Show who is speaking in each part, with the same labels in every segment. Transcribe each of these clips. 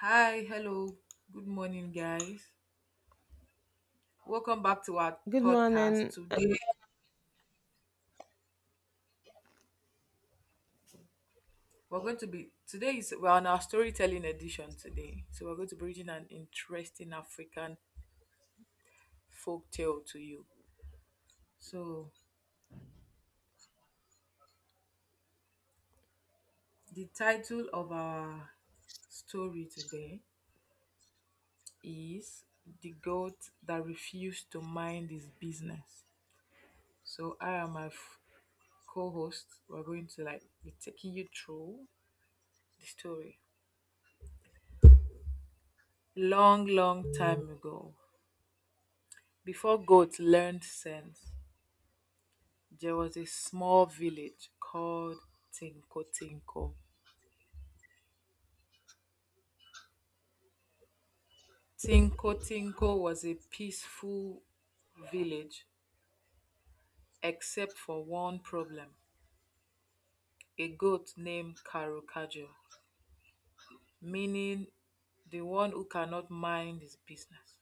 Speaker 1: Hi, hello, good morning, guys. Welcome back to our
Speaker 2: Good
Speaker 1: podcast.
Speaker 2: morning.
Speaker 1: Today.
Speaker 2: And
Speaker 1: We're going to be today is We're on our storytelling edition today, so we're going to be reading an interesting African folk tale to you. So the title of our story today is "The Goat That Refused to Mind His Business." So I am co-host. We're going to like be taking you through the story. Long, long time ago, before goats learned sense, there was a small village called Tinko Tinko. Tinko Tinko was a peaceful village except for one problem, a goat named Karukajo, meaning the one who cannot mind his business.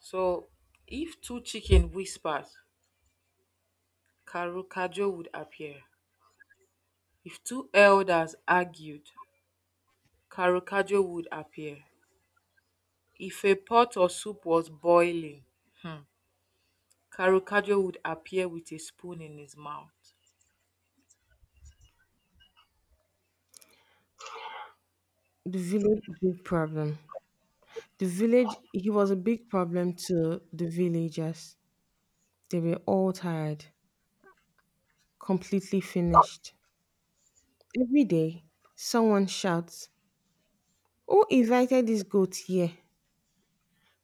Speaker 1: So, if two chickens whispered, Karukajo would appear. If two elders argued, Karukajo would appear. If a pot or soup was boiling, um Karukajo would appear with a spoon in his mouth.
Speaker 2: the village big problem. The village He was a big problem to the villagers. They were all tired, completely finished. Every day, someone shouts, "Who invited this goat here?"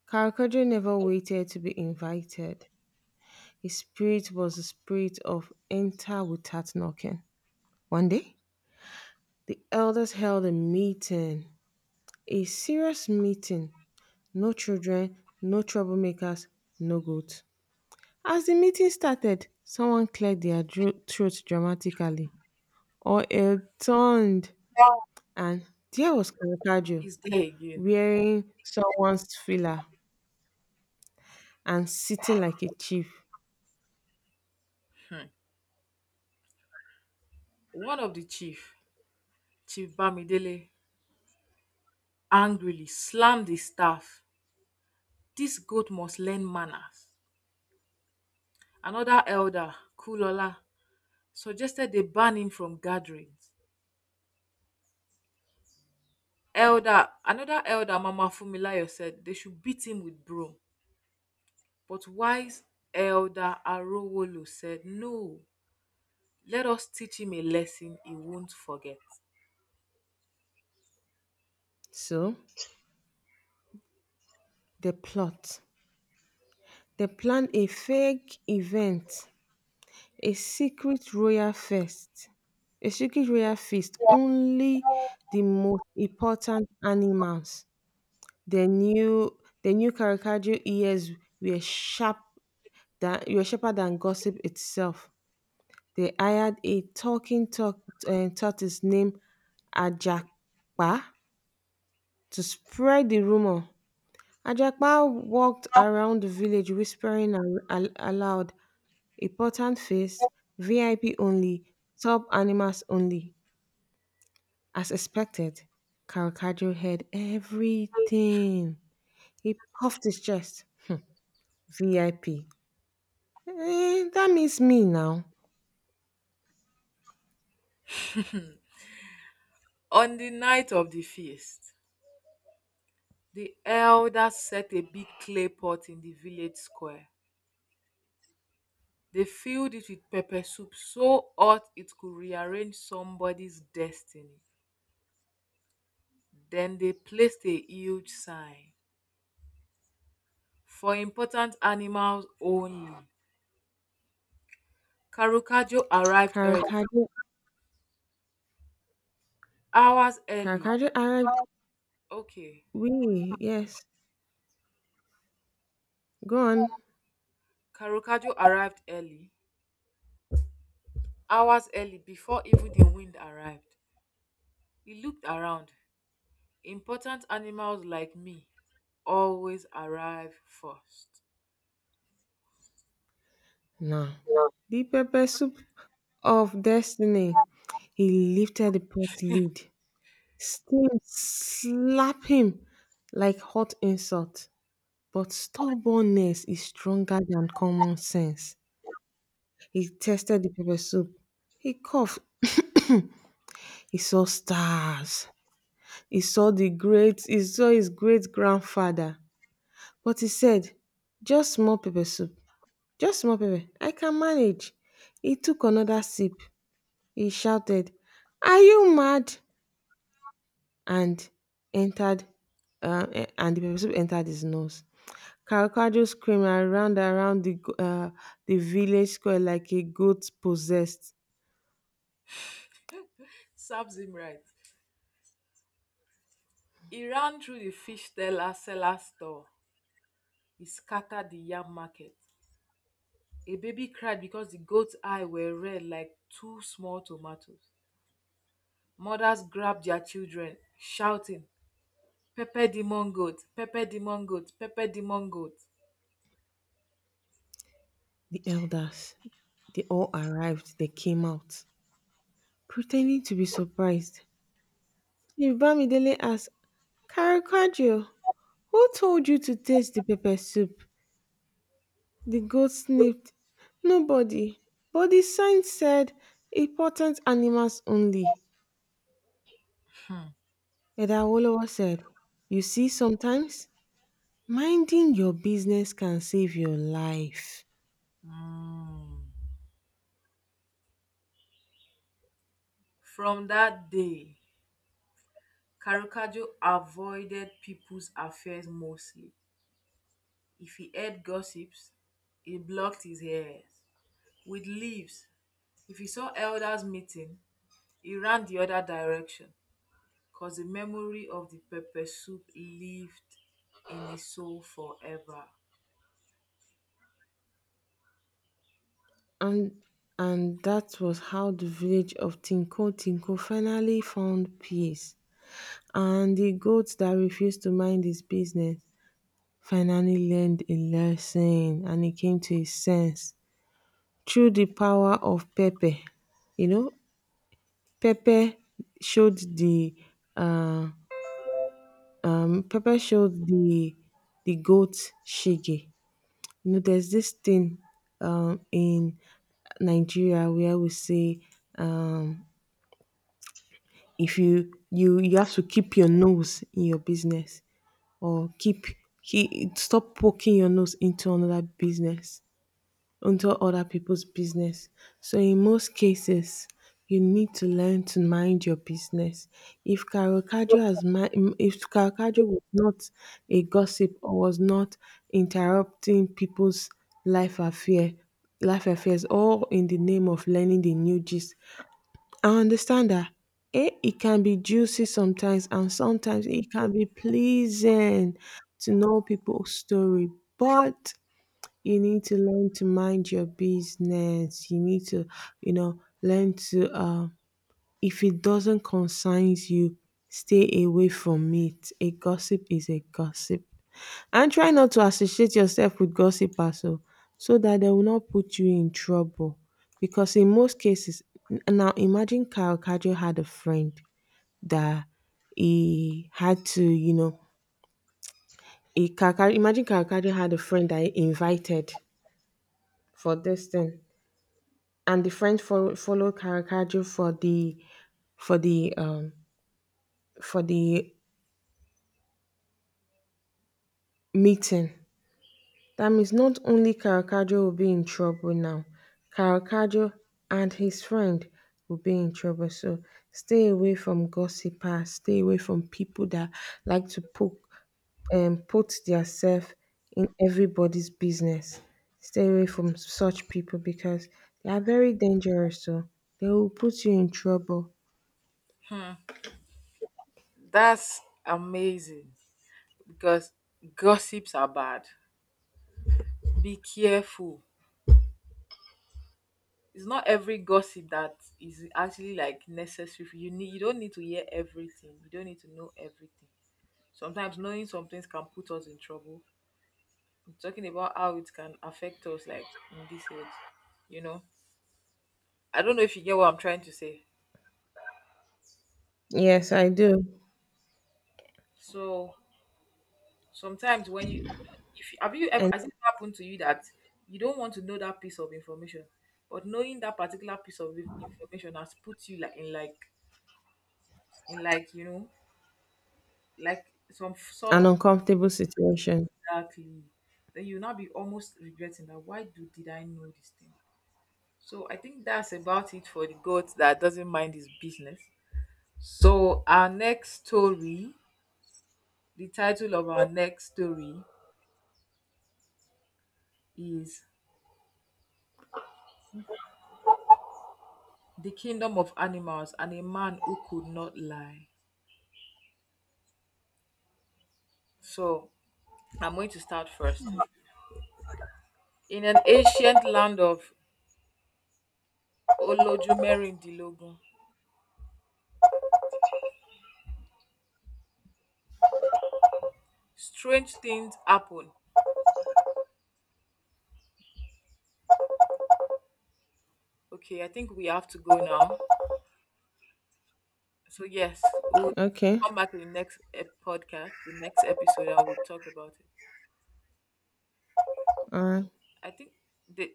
Speaker 2: Karakojo never waited to be invited. His spirit was the spirit of enter without knocking. One day, the elders held a meeting, a serious meeting. No children, no troublemakers, no goats. As the meeting started, someone cleared their throat dramatically. All hell turned, and there was Caravaggio
Speaker 1: Is there again.
Speaker 2: wearing someone's filler and sitting like a chief.
Speaker 1: One of the chief, Chief Bamidele, angrily slammed his staff. This goat must learn manners. Another elder, Kulola, suggested they ban him from gatherings. Another elder, Mama Fumilayo, said they should beat him with broom. But wise elder Arowolo said no, let us teach him a lesson he won't forget.
Speaker 2: So, the plot. They planned a fake event, a secret royal feast. A secret royal feast, only the most important animals. Their new caricature ears were sharp were sharper than gossip itself. They hired a talking tot tortoise named Ajakpa to spread the rumor. Ajakpa walked around the village whispering aloud, important feast, VIP only, top animals only. As expected, Caracadro heard everything. He puffed his chest. VIP. That means me now.
Speaker 1: On the night of the feast, the elders set a big clay pot in the village square. They filled it with pepper soup so hot it could rearrange somebody's destiny. Then they placed a huge sign for important animals only. Karukajo arrived early,
Speaker 2: Caracadro,
Speaker 1: hours early.
Speaker 2: Caracadro Arab,
Speaker 1: Okay,
Speaker 2: we, yes. Go on.
Speaker 1: Karukajo arrived early, hours early, before even the wind arrived. He looked around. Important animals like me always arrive first.
Speaker 2: Now, the pepper soup of destiny. He lifted the pot lid. Steam slapped him like hot insult. But stubbornness is stronger than common sense. He tested the pepper soup. He coughed. He saw stars. He saw his great grandfather. But he said, "Just small pepper soup, just small pepper. I can manage." He took another sip. He shouted, "Are you mad?" and entered and the pepper soup entered his nose. Caravaggio screamed and ran around the village square like a goat possessed.
Speaker 1: Serves him right. He ran through the fish teller seller store, he scattered the yam market. A baby cried because the goat's eyes were red like two small tomatoes. Mothers grabbed their children, shouting, pepper demon goat, pepper demon goat, pepper demon goat.
Speaker 2: The elders, they all arrived. They came out, pretending to be surprised. If Bamidele asked, "Caravaggio, who told you to taste the pepper soup?" The goat sniffed. "Nobody. But the sign said, important animals only." Edawolowo said, "You see sometimes, minding your business can save your life."
Speaker 1: Mm. From that day, Karukajo avoided people's affairs mostly. If he heard gossips, he blocked his ears with leaves. If he saw elders meeting, he ran the other direction, because the memory of the pepper soup lived in his soul forever.
Speaker 2: And and that was how the village of Tinko Tinko finally found peace. And the goat that refused to mind his business finally learned a lesson and he came to his sense through the power of Pepe. You know, pepper showed the uh, pepper showed the goat shege. You know, there's this thing, in Nigeria where we say, um, if you have to keep your nose in your business, or keep stop poking your nose into another business, into other people's business. So in most cases, you need to learn to mind your business. If Carocagio has mi- mm, if Carocagio was not a gossip or was not interrupting people's life affair, life affairs, all in the name of learning the new gist. I understand that. It can be juicy sometimes, and sometimes it can be pleasing to know people's story. But you need to learn to mind your business. You need to, learn to, if it doesn't concern you, stay away from it. A gossip is a gossip. And try not to associate yourself with gossipers, so that they will not put you in trouble. Because in most cases, now imagine Kyle Kajo had a friend that he had to, he, imagine Kyle Kajo had a friend that he invited for this thing. And the French follow Caravaggio for the um, for the meeting. That means not only Caravaggio will be in trouble now, Caravaggio and his friend will be in trouble. So stay away from gossipers. Stay away from people that like to poke put themselves in everybody's business. Stay away from such people because they are very dangerous. So they will put you in trouble.
Speaker 1: That's amazing, because gossips are bad. Be careful. It's not every gossip that is actually like necessary. For You need, you don't need to hear everything. You don't need to know everything. Sometimes knowing some things can put us in trouble, talking about how it can affect us, like in this age, you know. I don't know if you get what I'm trying to say.
Speaker 2: Yes, I do.
Speaker 1: So sometimes when you, if have you ever,
Speaker 2: And
Speaker 1: has it happened to you that you don't want to know that piece of information, but knowing that particular piece of information has put you like in like in like, you know, like some sort
Speaker 2: an
Speaker 1: of
Speaker 2: uncomfortable situation.
Speaker 1: darkly, then you'll now be almost regretting that, why do did I know this thing? So I think that's about it for the goat that doesn't mind his business. So, our next story, the title of our next story is The Kingdom of Animals and a Man Who Could Not Lie. So, I'm going to start first. In an ancient land of Olojumerin, strange things happen. Okay, I think we have to go now. So, yes, we'll
Speaker 2: Okay.
Speaker 1: come back in the next podcast, the next episode, and we'll talk about it.
Speaker 2: All right.
Speaker 1: I think the